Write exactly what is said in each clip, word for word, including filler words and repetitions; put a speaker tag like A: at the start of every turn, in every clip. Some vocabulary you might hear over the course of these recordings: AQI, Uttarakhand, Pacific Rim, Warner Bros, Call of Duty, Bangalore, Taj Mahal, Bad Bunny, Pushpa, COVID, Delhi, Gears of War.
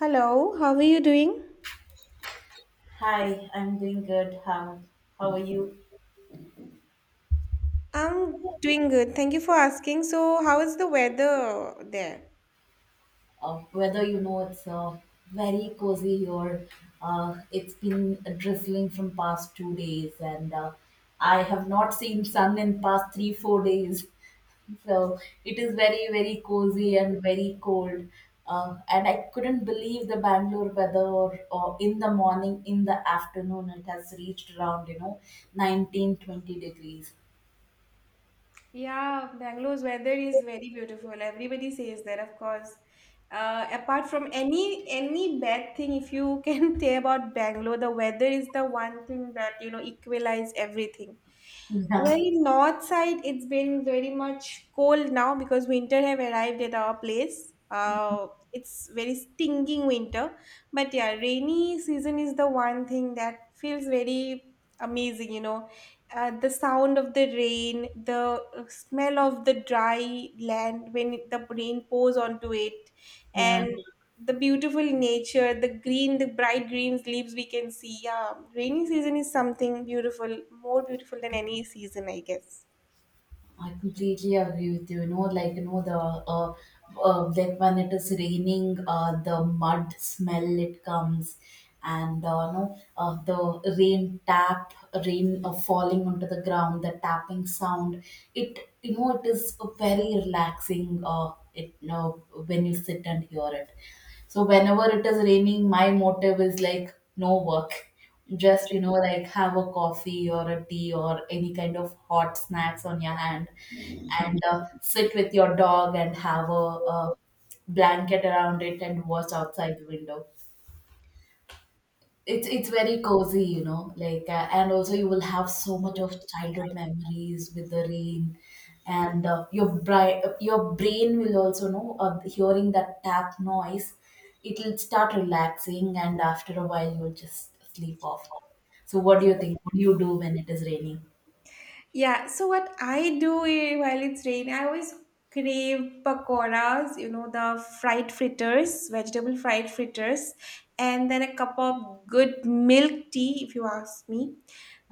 A: Hello, how are you doing?
B: Hi, I'm doing good. How how are you?
A: I'm doing good. Thank you for asking. So, how is the weather there?
B: Uh, weather, you know, it's uh, very cozy here. Uh, it's been drizzling from past two days, and uh, I have not seen sun in past three four days. So it is very very cozy and very cold. Uh, and I couldn't believe the Bangalore weather or, in the morning, in the afternoon, it has reached around, you know, nineteen twenty degrees.
A: Yeah, Bangalore's weather is very beautiful. Everybody says that, of course. Uh, apart from any any bad thing, if you can say about Bangalore, the weather is the one thing that you know equalize everything. Well,
B: Yeah,
A: in north side, it's been very much cold now because winter have arrived at our place. Uh, it's very stinging winter, but yeah, rainy season is the one thing that feels very amazing. You know, uh, the sound of the rain, the uh, smell of the dry land when it, the rain pours onto it,
B: yeah.
A: and Mm. the beautiful nature, the green, the bright green leaves we can see. Yeah, rainy season is something beautiful, more beautiful than any season, I guess.
B: I completely agree with you. You know, like you know the uh, uh like when it is raining, uh, the mud smell it comes, and uh, you know uh, the rain tap, rain uh, falling onto the ground, the tapping sound. It you know it is very relaxing. Uh, it you know, when you sit and hear it. So whenever it is raining, my motive is like no work, just you know, like have a coffee or a tea or any kind of hot snacks on your hand, and uh, sit with your dog and have a, a blanket around it and watch outside the window. It's it's very cozy, you know, like, uh, and also you will have so much of childhood memories with the rain. And uh, your bri- your brain will also know, uh, hearing that tap noise, it'll start relaxing and after a while you'll just sleep off. So what do you think, what do you do when it is raining?
A: Yeah, so what I do i- while it's rain, I always crave pakoras, you know, the fried fritters, vegetable fried fritters, and then a cup of good milk tea, if you ask me.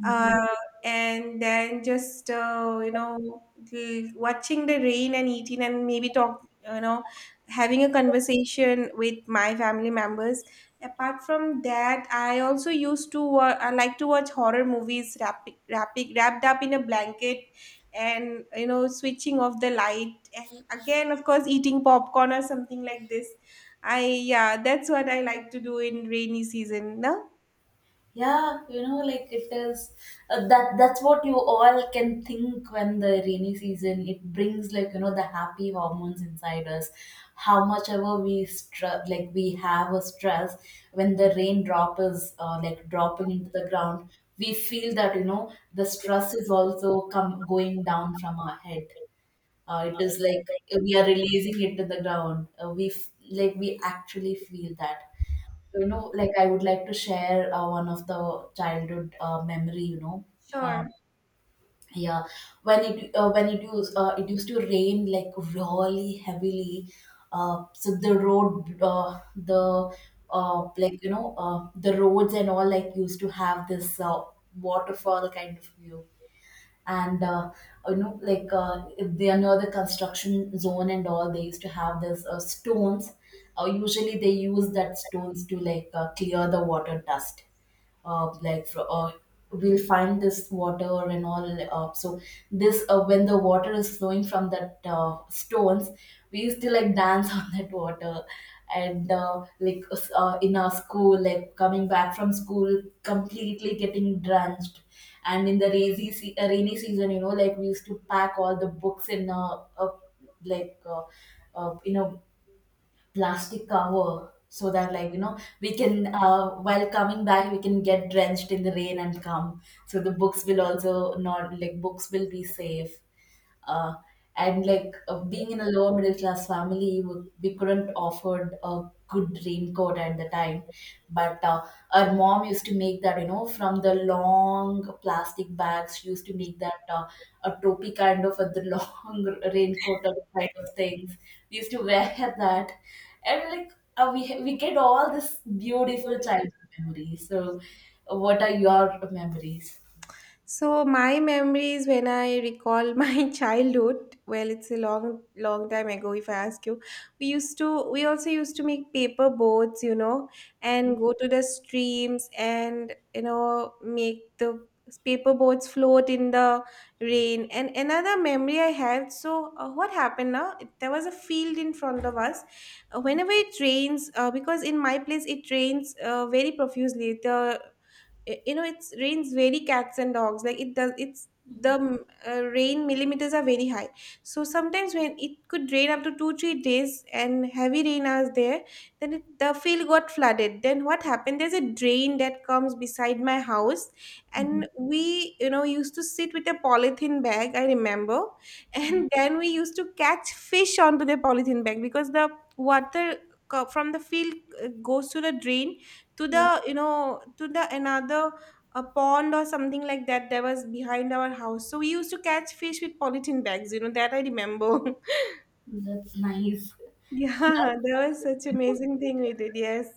A: Uh, and then just, uh, you know, l- watching the rain and eating and maybe talk, you know, having a conversation with my family members. Apart from that, I also used to wa- I like to watch horror movies wrapping, wrapping, wrapped up in a blanket, and you know switching off the light and again of course eating popcorn or something like this. I yeah, that's what I like to do in rainy season, no?
B: Yeah, you know, like it is, uh, that that's what you all can think when the rainy season, it brings like you know the happy hormones inside us. How much ever we stress, like we have a stress, when the rain drop is, uh, like dropping into the ground, we feel that you know the stress is also come going down from our head. Uh, it is like, uh, we are releasing it in the ground. Uh, we f- like we actually feel that. So, you know, like, I would like to share uh, one of the childhood uh, memory. You know,
A: Sure.
B: um, yeah, when it uh, when it used uh, it used to rain like really heavily. Uh, so the road, uh, the uh, like you know, uh, the roads and all like used to have this uh, waterfall kind of view. And uh, you know like uh, if they are near the construction zone and all, they used to have this uh, stones. Uh, usually they use that stones to like uh, clear the water dust. uh, like fro- uh, we'll find this water and all. uh, so this uh, when the water is flowing from that uh, stones, we used to like dance on that water. And uh, like uh, in our school, like, coming back from school completely getting drenched. And in the rainy, se- uh, rainy season, you know, like, we used to pack all the books in a, a like uh, uh, in a plastic cover, so that like you know, we can uh, while coming back we can get drenched in the rain and come, so the books will also not, like, books will be safe. uh, and like, uh, being in a lower middle class family, w- we couldn't afford a good raincoat at the time. But uh, our mom used to make that, you know, from the long plastic bags, she used to make that, uh, a topi kind of a the long raincoat of kind of things. We used to wear that. And like, uh, we we get all this beautiful childhood memories. So what are your memories?
A: So my memories when I recall my childhood, well, it's a long, long time ago. If I ask you, we used to, we also used to make paper boats, you know, and go to the streams and you know make the paper boats float in the rain. And another memory I had. So uh, what happened now? There was a field in front of us. Uh, Whenever it rains, uh, because in my place it rains uh, very profusely. The i- you know it rains very cats and dogs like it does it's the mm, uh, rain millimeters are very high, so sometimes when it could rain up to two three days and heavy rain is there, then it, the field got flooded. Then what happened, there's a drain that comes beside my house,
B: Mhm.
A: and we you know used to sit with a polythene bag, I remember, and then we used to catch fish onto the polythene bag because the water co- from the field uh, goes to the drain, to
B: Mhm.
A: the you know to the another a pond or something like that that was behind our house, so we used to catch fish with polythene bags, you know, that I remember.
B: That's nice.
A: Yeah, that was such amazing thing we did, yes.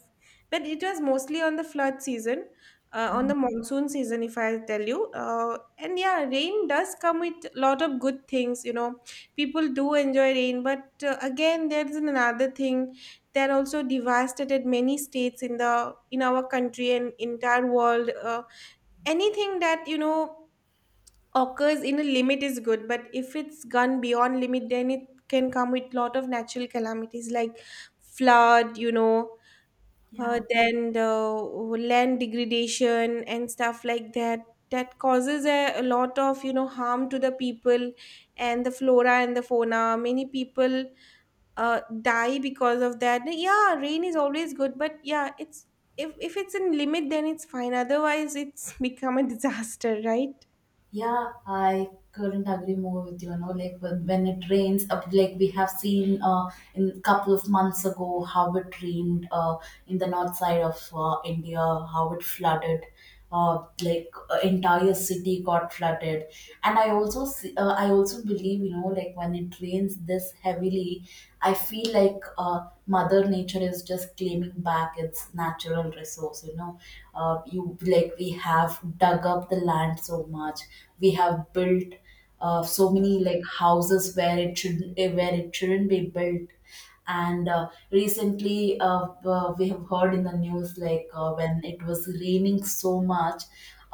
A: But it was mostly on the flood season, uh, on the monsoon season, if I tell you. Uh, and yeah, rain does come with a lot of good things, you know. People do enjoy rain, but uh, again, there's another thing that also devastated many states in the in our country and entire world. Uh, anything that, you know, occurs in a limit is good, but if it's gone beyond limit then it can come with lot of natural calamities like flood, you know, uh,
B: Yeah.
A: then the land degradation and stuff like that, that causes a, a lot of you know harm to the people and the flora and the fauna. Many people uh, die because of that. Yeah, rain is always good, but yeah it's, if, if it's in limit then it's fine, otherwise it's become a disaster, right?
B: Yeah, I couldn't agree more with you. You know, like, when when it rains, uh, like we have seen, uh, in a couple of months ago how it rained, uh, in the north side of uh, India, how it flooded, uh, like uh, entire city got flooded. And I also see, uh, I also believe, you you know, like, when it rains this heavily, I feel like, uh, mother nature is just claiming back its natural resource, you know. Uh, you Like we have dug up the land so much, we have built, uh, so many like houses where it should, where it shouldn't be built. And uh, recently uh, uh, we have heard in the news like, uh, when it was raining so much,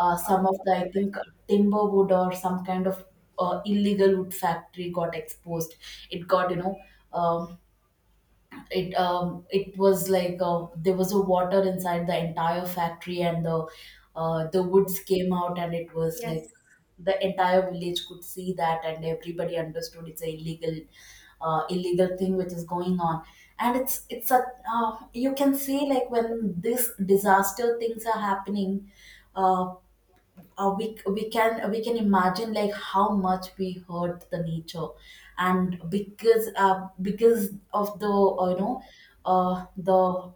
B: uh, some of the, I think, uh, timber wood or some kind of uh, illegal wood factory got exposed. It got, you know, um, it um it was like, uh, there was a water inside the entire factory, and the uh, the woods came out and it was
A: Yes.
B: like the entire village could see that, and everybody understood it's a illegal uh, illegal thing which is going on. And it's it's a, uh, you can see like when this disaster things are happening, uh, uh, we we can, we can imagine like how much we hurt the nature. And because, uh, because of the uh, you know uh, the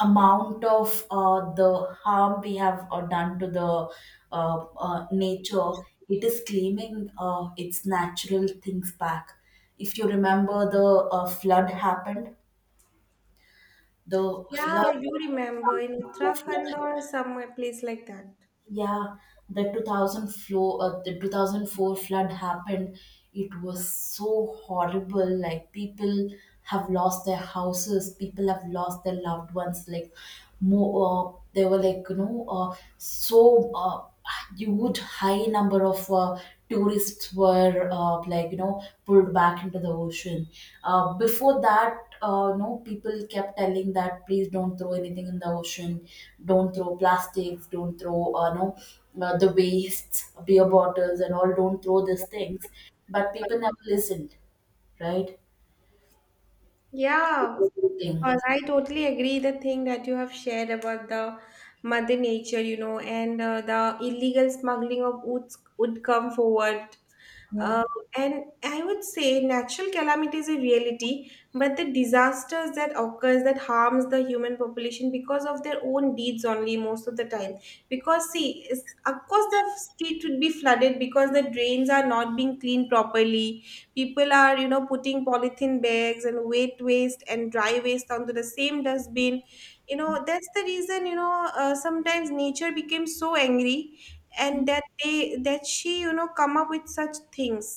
B: amount of uh, the harm we have uh, done to the uh, uh, nature, it is claiming, uh, its natural things back. If you remember the uh, flood happened, the flood.
A: Yeah, you remember in Uttarakhand or somewhere place like that.
B: Yeah, the two thousand four uh, the two thousand four flood happened. It was so horrible. Like people have lost their houses, people have lost their loved ones. Like more, uh, they were like you know, uh, so. Uh, huge high number of uh, tourists were, uh, like, you know, pulled back into the ocean. Uh, before that, uh, no people kept telling that please don't throw anything in the ocean, don't throw plastics, don't throw, uh, no uh, the wastes, beer bottles and all, don't throw these things. But people never listened, right?
A: Yeah.
B: thing
A: Well, I totally agree the thing that you have shared about the mother nature, you know, and uh, the illegal smuggling of woods would come forward.
B: Yeah.
A: Uh, and I would say natural calamity is a reality, but the disasters that occurs that harms the human population because of their own deeds only most of the time. Because see, it's, of course the street would be flooded because the drains are not being cleaned properly. People are you know putting polythene bags and wet waste and dry waste onto the same dustbin. You know, that's the reason, you know, uh, sometimes nature became so angry, and that they that she you know come up with such things.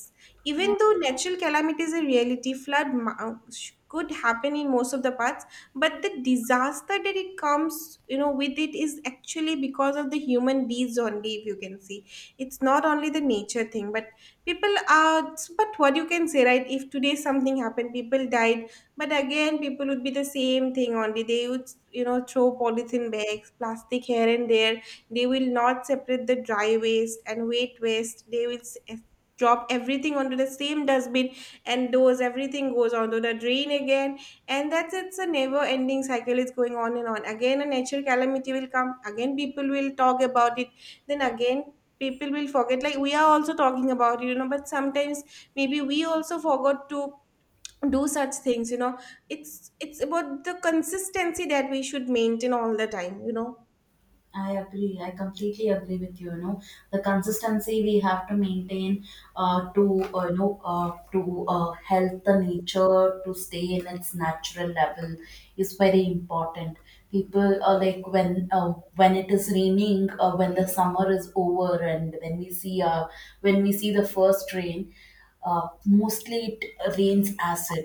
B: yeah
A: Even though natural calamity is a reality, flood ma- uh, sh- could happen in most of the parts, but the disaster that it comes you know with, it is actually because of the human beings only, if you can see. It's not only the nature thing, but people are, but what you can say, right? If today something happened, people died, but again people would be the same thing only. They would you know throw polythene bags, plastic here and there. They will not separate the dry waste and wet waste. They will s- eh, Drop everything onto the same dustbin, and those everything goes onto the drain again, and that's, it's a never ending cycle, is going on and on. Again a natural calamity will come, again people will talk about it, then again people will forget, like we are also talking about it, you know, but sometimes maybe we also forgot to do such things, you know. it's it's about the consistency that we should maintain all the time, you know.
B: I agree. I completely agree with you. You know, the consistency we have to maintain, uh, to uh, you know uh, to uh, help the nature to stay in its natural level is very important. People are like, when, uh, when it is raining, uh, when the summer is over, and when we see, uh, when we see the first rain, uh, mostly it rains acid,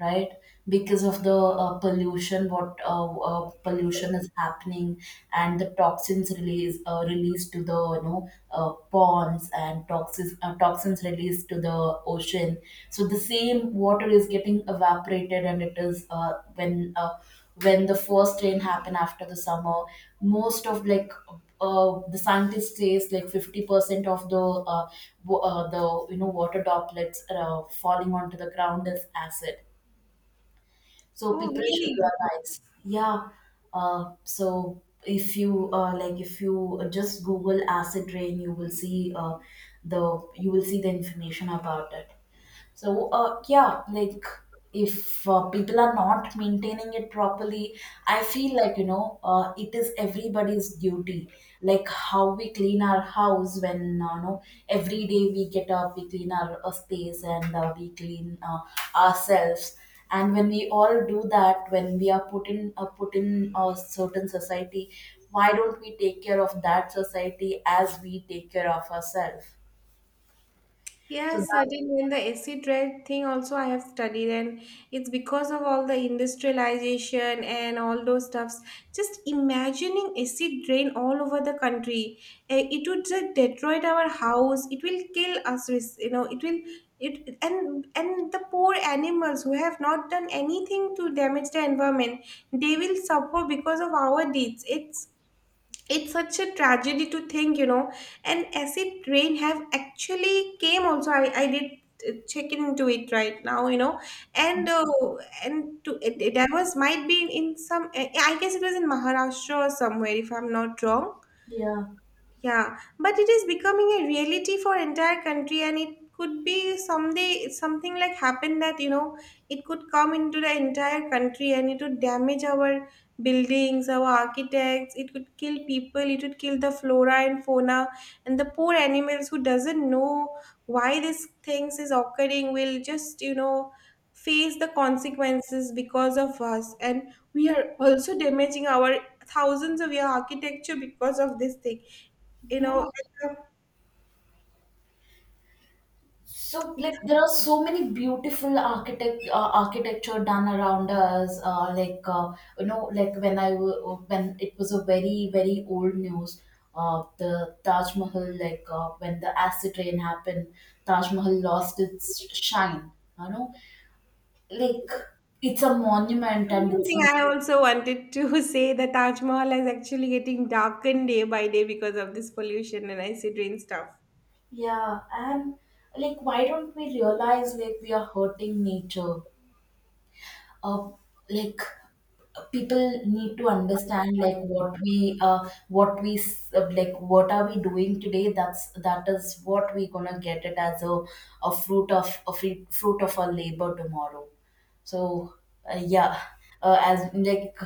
B: right? Because of the uh, pollution what uh, uh, pollution is happening, and the toxins release uh, released to the you know uh, ponds, and toxins uh, toxins released to the ocean. So the same water is getting evaporated, and it is, uh, when uh, when the first rain happen after the summer, most of, like, uh, the scientist says like fifty percent of the uh, wa- uh, the you know water droplets uh, falling onto the ground is acid. So
A: Oh
B: people should
A: really.
B: realize, yeah. Uh, so if you, uh, like, if you just google acid rain, you will see, uh, the you will see the information about it. So uh, yeah, like, if, uh, people are not maintaining it properly, I feel like, you know, uh, it is everybody's duty. Like, how we clean our house, when, uh, you know, every day we get up, we clean our uh, space, and uh, we clean uh, ourselves. And when we all do that, when we are put in uh, put in a certain society, why don't we take care of that society as we take care of ourselves? So
A: Yes,
B: that,
A: certainly. And the acid red thing also I have studied, and it's because of all the industrialization and all those stuffs. Just imagining acid rain all over the country, eh, it would just destroy our house. It will kill us. res- You know, it will, it, and and the poor animals who have not done anything to damage the environment, they will suffer because of our deeds. It's it's such a tragedy to think, you know, an acid rain have actually came also. i, I did uh, check into it right now, you know, and uh, and to it, it, that was might be in some, I guess it was in Maharashtra or somewhere if I'm not wrong.
B: yeah
A: Yeah, but it is becoming a reality for entire country, and it could be someday something like happen that you know it could come into the entire country, and it would damage our buildings, our architects. It could kill people. It would kill the flora and fauna, and the poor animals who doesn't know why these things is occurring will just you know face the consequences because of us, and we are also damaging our thousands of year architecture because of this thing, you know,
B: yeah
A: and
B: so
A: the
B: like there are so many beautiful architect uh, architecture done around us, uh, like uh, you know, like when i w- when it was a very very old news, uh, the Taj Mahal, like, uh, when the acid rain happened, Taj Mahal lost its shine. You know, like it's a monument and
A: same
B: it's
A: thing
B: a
A: I also wanted to say that Taj Mahal is actually getting darkened day by day because of this pollution and acid rain stuff.
B: yeah. And like, why don't we realize like we are hurting nature? uh, like, people need to understand like what we uh what we s- uh, like, what are we doing today, that's, that is what we gonna get it as a, a fruit of a fruit fruit of our labor tomorrow. So uh, yeah, uh, as, like,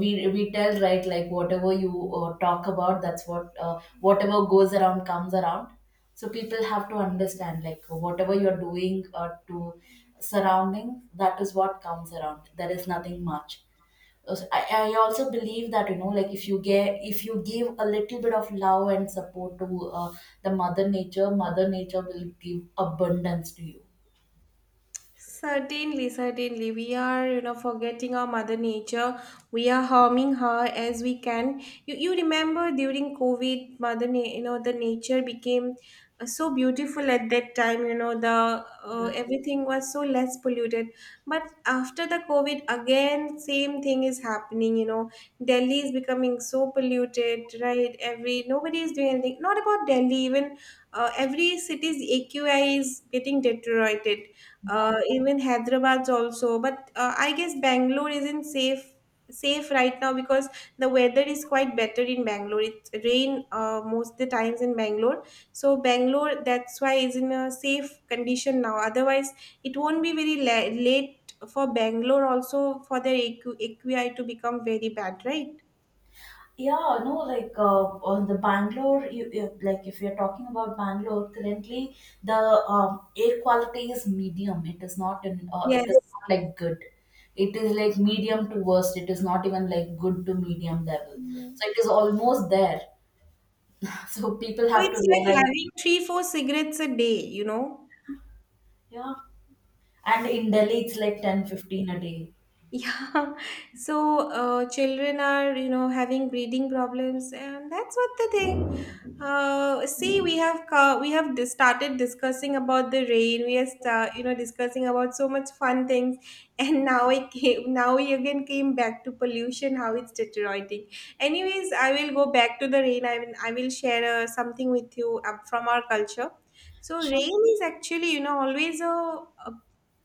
B: we we tell right, like whatever you uh, talk about, that's what uh, whatever goes around comes around. So people have to understand like whatever you're doing, uh, to surrounding, that is what comes around. There is nothing much. Also, I, I also believe that, you know, like, if you get if you give a little bit of love and support to, uh, the mother nature, mother nature will give abundance to you.
A: Certainly, certainly. We are, you know, forgetting our mother nature. We are harming her as we can. You, you remember during COVID, mother, na- you know, the nature became uh, so beautiful at that time. You know, the uh, everything was so less polluted. But after the COVID, again, same thing is happening. You know, Delhi is becoming so polluted, right? Every nobody is doing anything. Not about Delhi, even uh, every city's A Q I is getting deteriorated, uh,
B: Yeah.
A: even Hyderabad's also. But uh, I guess Bangalore isn't safe safe right now because the weather is quite better in Bangalore. It rain uh, most the times in Bangalore, so Bangalore that's why is in a safe condition now. Otherwise, it won't be very la- late for Bangalore also for their AQ- A Q I to become very bad, right?
B: Yeah, no, like, uh, on the Bangalore, you, you, like, if you're talking about Bangalore, currently the um, air quality is medium. It is not in, uh, it is
A: Yes.
B: not like good. It is like medium to worst. It is not even like good to medium level.
A: So
B: So it is almost there. So people have to
A: it's like
B: realize,
A: having three, four cigarettes a day, you know.
B: yeah. And in Delhi, it's like ten fifteen a day.
A: Yeah, so uh, children are, you know, having breathing problems, and that's what the thing. Uh, see, we have co- we have dis- started discussing about the rain. We are, sta- you know, discussing about so much fun things, and now I came. Now we again came back to pollution, how it's deteriorating. Anyways, I will go back to the rain. I will, I will share uh, something with you uh, from our culture. So
B: Sure.
A: rain is actually, you know, always a, a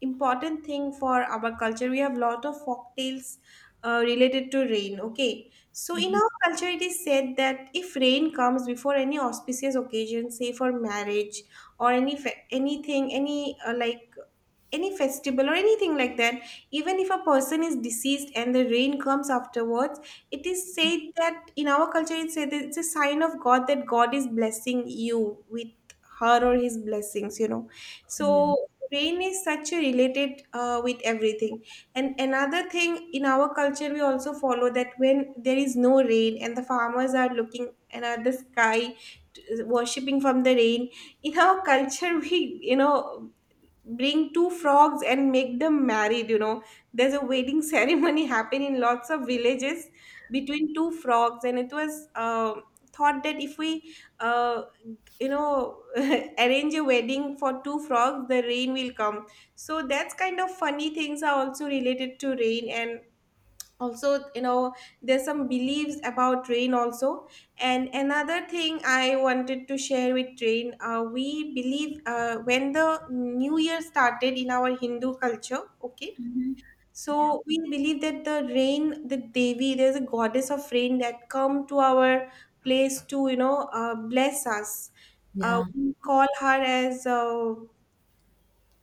A: important thing for our culture. We have lot of folk tales uh, related to rain. Okay, so in our culture, it is said that if rain comes before any auspicious occasion, say for marriage or any fe- anything, any uh, like any festival or anything like that, even if a person is deceased and the rain comes afterwards, it is said that in our culture it's said that it's a sign of god, that god is blessing you with her or his blessings you know So
B: Yeah.
A: rain is such a related uh, with everything. And another thing, in our culture we also follow that when there is no rain and the farmers are looking and at the sky, t- worshipping from the rain, in our culture we you know bring two frogs and make them married, you know, there's a wedding ceremony happen in lots of villages between two frogs. And it was uh, thought that if we uh, you know arrange a wedding for two frogs, the rain will come. So that's kind of funny things are also related to rain. And also, you know, there's some beliefs about rain also. And another thing I wanted to share with rain, uh, we believe uh, when the new year started in our Hindu culture, okay.
B: hmm Yeah.
A: So we believe that the rain, the devi, there's a goddess of rain that come to our place to you know uh, bless us. Uh,
B: Yeah.
A: we call her as uh,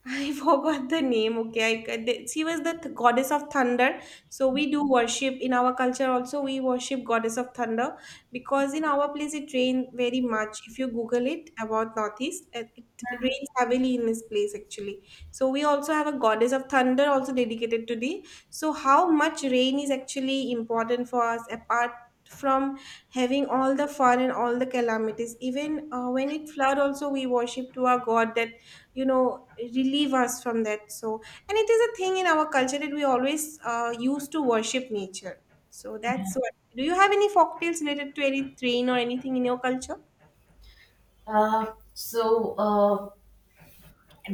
A: I forgot the name. Okay, I, ca- the- she was the th- goddess of thunder. So we do worship in our culture also. We worship goddess of thunder because in our place it rains very much. If you Google it about northeast, it, it rains heavily in this place actually. So we also have a goddess of thunder also dedicated to the. So how much rain is actually important for us, apart from having all the fun and all the calamities, even uh, when it flood also, we worship to our god that, you know, relieve us from that. So, and it is a thing in our culture that we always uh, used to worship nature. So that's what. Do you have any folktales related to any train or anything in your culture?
B: Uh, so, uh,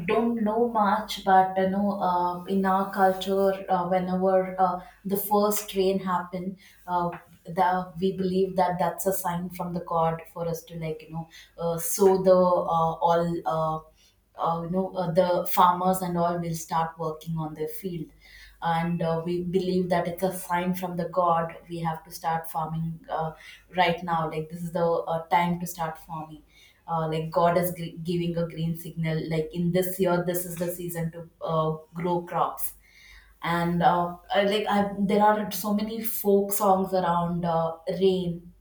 B: don't know much, but you know, uh, in our culture, uh, whenever uh, the first rain happen, uh, the, we believe that that's a sign from the God for us to like you know uh, sow the uh, all uh, uh, you know uh, the farmers and all will start working on their field, and uh, we believe that it's a sign from the god. We have to start farming uh, right now. Like, this is the uh, time to start farming. Uh, like god is gr- giving a green signal, like in this year this is the season to uh, grow crops. And uh, I, like I, There are so many folk songs around uh, rain.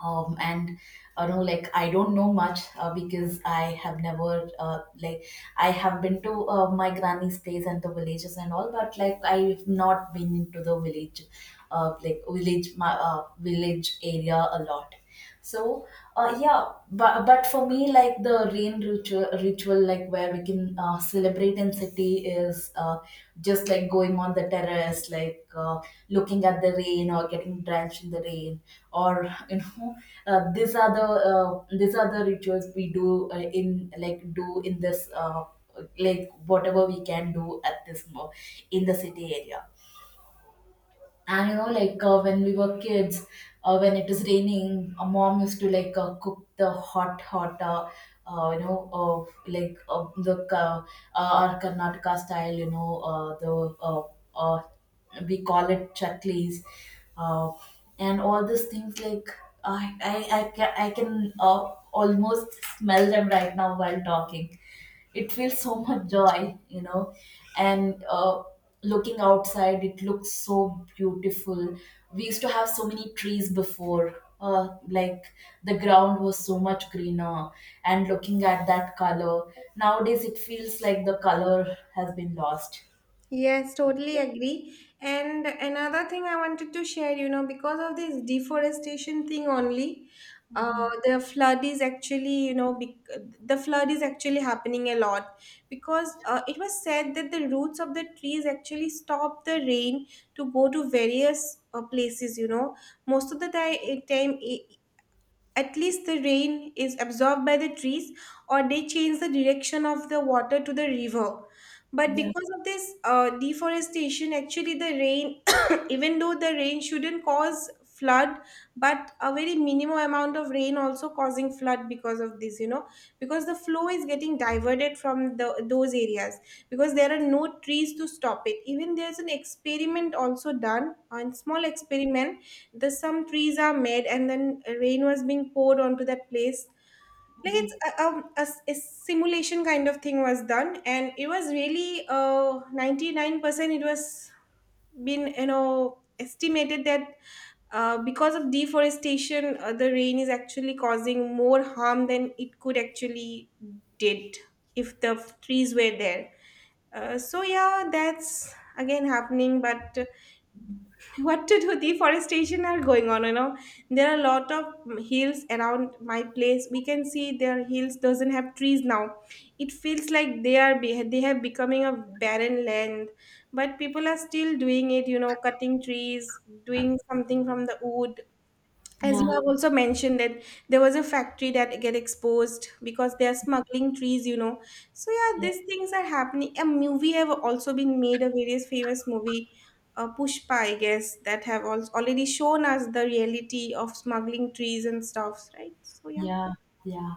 B: Um, and I do know, like I don't know much uh, because I have never uh, like I have been to uh, my granny's place and the villages and all, but like I've not been into the village, uh, like village, my uh, village area a lot. So, uh, yeah, but, but for me, like the rain ritual, ritual, like where we can uh, celebrate in city is uh, just like going on the terrace, like uh, looking at the rain or getting drenched in the rain, or you know, uh, these are the uh, these are the rituals we do uh, in like do in this uh, like whatever we can do at this mo- in the city area. And you know like uh, when we were kids, uh, when it was raining, a mom used to like uh, cook the hot hot uh, uh, you know uh, like uh, the uh, uh, our Karnataka style, you know uh, the uh, uh, we call it chaklis, uh, and all these things. Like, i i i can, I can uh, almost smell them right now while talking. It feels so much joy, you know. And uh, looking outside, it looks so beautiful. We used to have so many trees before, uh, like the ground was so much greener, and looking at that color nowadays, it feels like the color has been lost.
A: Yes, totally agree. And another thing I wanted to share, you know, because of this deforestation thing only, uh,
B: Mhm.
A: the flood is actually, you know, bec- the flood is actually happening a lot because uh, it was said that the roots of the trees actually stop the rain to go to various uh, places, you know. Most of the ti- time, i- at least the rain is absorbed by the trees, or they change the direction of the water to the river. But
B: Yeah.
A: because of this uh, deforestation, actually the rain, even though the rain shouldn't cause flood, but a very minimal amount of rain also causing flood because of this, you know, because the flow is getting diverted from the those areas, because there are no trees to stop it. Even there's an experiment also done, a small experiment, the some trees are made and then rain was being poured onto that place, like it's
B: Mhm.
A: a, a, a s- a simulation kind of thing was done. And it was really uh ninety-nine percent it was been, you know, estimated that uh, because of deforestation uh, the rain is actually causing more harm than it could actually did if the f- trees were there. Uh, so yeah, that's again happening, but what to do, deforestation are going on, you know. There are a lot of hills around my place. We can see their hills doesn't have trees now. It feels like they are be- they have becoming a barren land. But people are still doing it, you know, cutting trees, doing something from the wood. As you
B: Yeah.
A: have also mentioned that there was a factory that get exposed because they are smuggling trees, you know. So yeah, these things are happening. A movie have also been made, a various famous movie, uh, Pushpa I guess, that have also already shown us the reality of smuggling trees and stuffs, right? So yeah.
B: Yeah, yeah.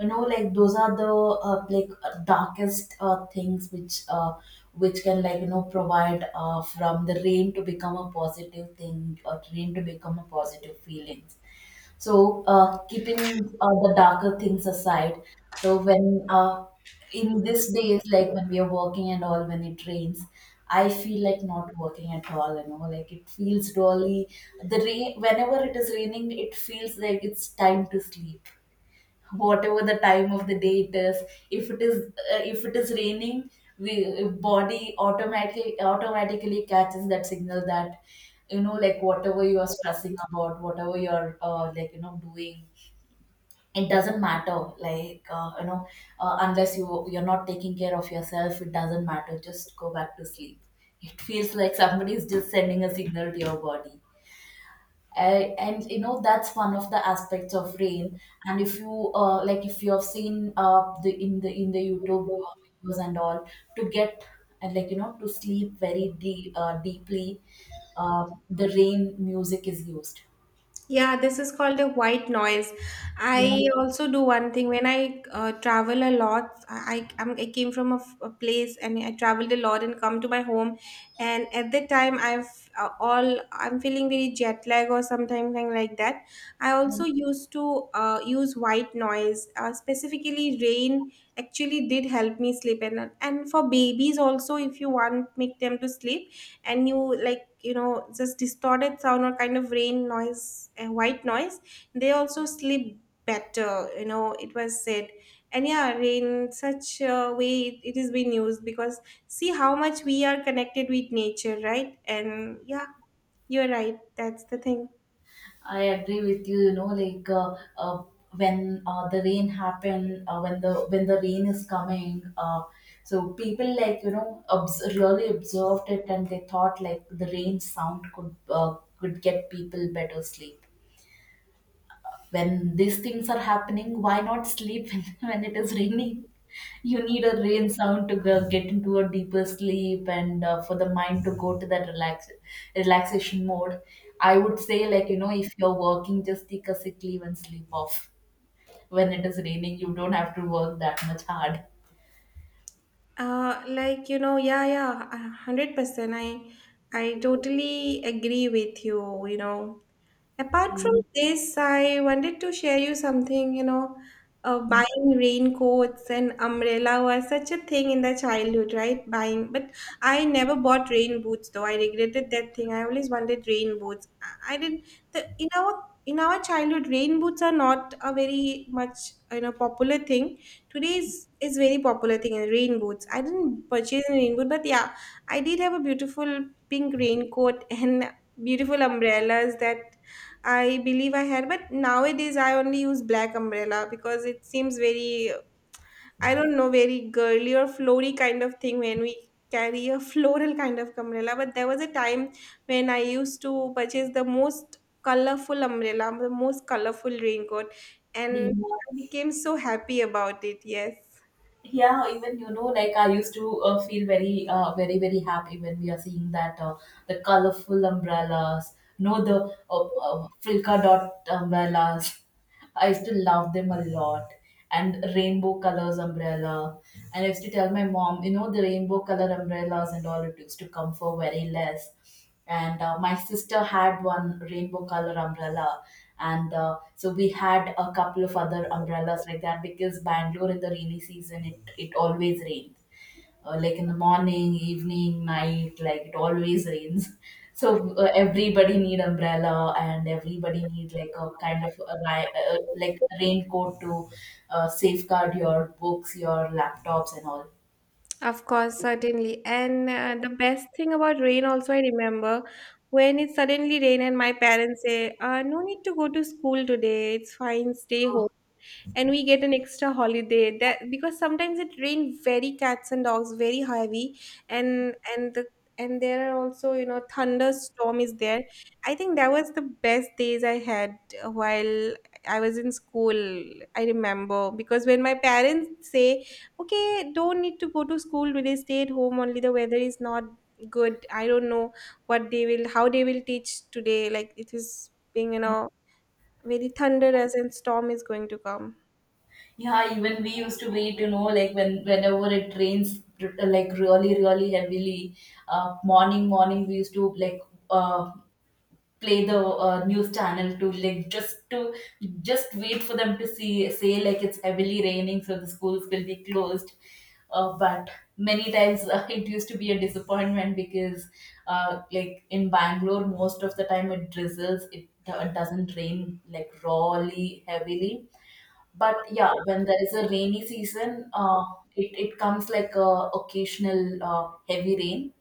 B: You know, like those are the uh, like uh, darkest uh, things which uh, which can like you know provide uh, from the rain to become a positive thing, or rain to become a positive feelings. So uh, keeping uh, the darker things aside. So when uh, in this days, like when we are working and all, when it rains, I feel like not working at all. You know, like it feels really the rain. Whenever it is raining, it feels like it's time to sleep, whatever the time of the day it is. If it is uh, if it is raining, we body automatically automatically catches that signal that you know like whatever you are stressing about, whatever you're uh, like you know doing, it doesn't matter. Like uh, you know uh, unless you you're not taking care of yourself, it doesn't matter, just go back to sleep. It feels like somebody is just sending a signal to your body. I, and you know, that's one of the aspects of rain. And if you uh, like if you have seen uh, the in the in the YouTube uh, videos and all, to get, and like you know, to sleep very deep uh, deeply, uh, the rain music is used.
A: Yeah, this is called a white noise.
B: Yeah.
A: I also do one thing when I uh, travel a lot. I I, am I came from a, f- a place, and I traveled a lot and come to my home, and at that time I've uh, all I'm feeling very jet lag or something like that. I also used to uh, use white noise. Uh, specifically, rain actually did help me sleep. And and for babies also, if you want make them to sleep, and you, like, you know, just distorted sound or kind of rain noise and white noise, they also sleep better, you know, it was said. And yeah, in such a way it, it is being used, because see how much we are connected with nature, right? And yeah, you're right, that's the thing.
B: I agree with you. You know, like uh, uh, when uh, the rain happened, uh, when the when the rain is coming, uh, so people like you know obs- really observed it, and they thought like the rain sound could uh, could get people better sleep. When these things are happening, why not sleep when, when it is raining? You need a rain sound to go, get into a deeper sleep, and uh, for the mind to go to that relax relaxation mode. I would say, like you know, if you're working, just take a sick leave and sleep off. When it is raining, you don't have to work that much hard.
A: Uh, like, you know, yeah, yeah, a hundred percent. I i totally agree with you, you know. Apart from this, I wanted to share you something, you know, uh, buying raincoats and umbrella was such a thing in the childhood, right? Buying, but I never bought rain boots though. I regretted that thing. I always wanted rain boots. I I didn't. The, in our in our childhood, rain boots are not a very much, you know, popular thing. Today's is is very popular thing. Uh, rain boots. I didn't purchase a rain boot. But yeah, I did have a beautiful pink raincoat and beautiful umbrellas that I believe I had. But nowadays I only use black umbrella because it seems very, I don't know, very girly or flowy kind of thing when we carry a floral kind of umbrella. But there was a time when I used to purchase the most colorful umbrella, the most colorful raincoat, and
B: Yeah.
A: I became so happy about it. Yes.
B: Yeah, even you know, like I used to uh, feel very uh, very very happy when we are seeing that uh, the colorful umbrellas, no, the uh, uh, frilka dot umbrellas. I used to love them a lot. And rainbow colors umbrella, and I used to tell my mom, you know, the rainbow color umbrellas and all, it used to come for very less. And uh, my sister had one rainbow color umbrella. And uh, so we had a couple of other umbrellas like that, because Bangalore in the rainy season, it, it always rains. Uh, like in the morning, evening, night, like it always rains. So uh, everybody need umbrella, and everybody need like a kind of a, ri- uh, like a raincoat to uh, safeguard your books, your laptops and all.
A: Of course, certainly. And uh, the best thing about rain, also, I remember when it suddenly rained, and my parents say, uh, no need to go to school today. It's fine. Stay home, and we get an extra holiday. That, because sometimes it rained very cats and dogs, very heavy, and and the, and there are also, you know, thunderstorm is there. I think that was the best days I had uh, while I was in school. I remember, because when my parents say, okay, don't need to go to school today, stay at home only, the weather is not good, I don't know what they will, how they will teach today, like it is being, you know, very thunderous and storm is going to come.
B: Yeah, even we used to wait, you know, like when whenever it rains, r- like really, really heavily, uh, morning, morning, we used to like uh, play the uh, news channel to like just to just wait for them to see, say like it's heavily raining, so the schools will be closed. Uh, but many times uh, it used to be a disappointment because, uh, like in Bangalore, most of the time it drizzles. It, it doesn't rain like rawly, heavily. But yeah, when there is a rainy season, uh, it, it comes like a occasional uh, heavy rain.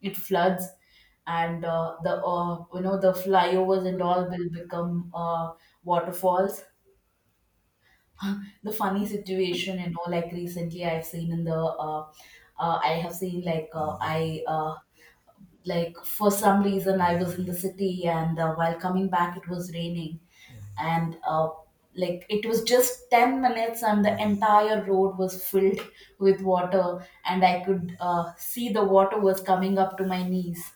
B: It floods, and uh, the uh, you know the flyovers and all will become uh, waterfalls. The funny situation, you know, like recently I've seen in the uh, uh, I have seen like uh, I uh, like for some reason I was in the city, and uh, while coming back it was raining and uh, like it was just ten minutes, and the entire road was filled with water, and I could uh, see the water was coming up to my knees.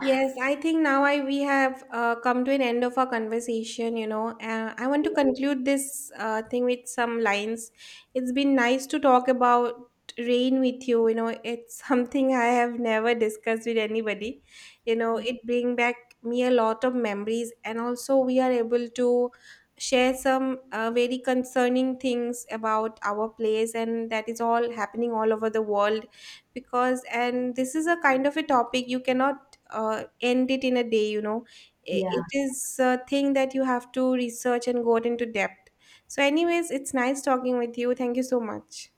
A: Yes, I think now I we have uh, come to an end of our conversation. You know, uh, I want to conclude this uh, thing with some lines. It's been nice to talk about rain with you. You know, it's something I have never discussed with anybody. You know, it bring back me a lot of memories, and also we are able to share some uh, very concerning things about our place, and that is all happening all over the world. Because and this is a kind of a topic you cannot uh, end it in a day, you know. I-
B: Yeah,
A: it is a thing that you have to research and go into depth. So anyways, it's nice talking with you, thank you so much.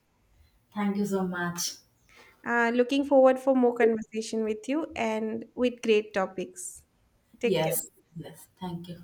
B: thank you so much.
A: Uh, looking forward for more conversation with you and with great topics. Take
B: Yes.
A: care.
B: Yes, thank you.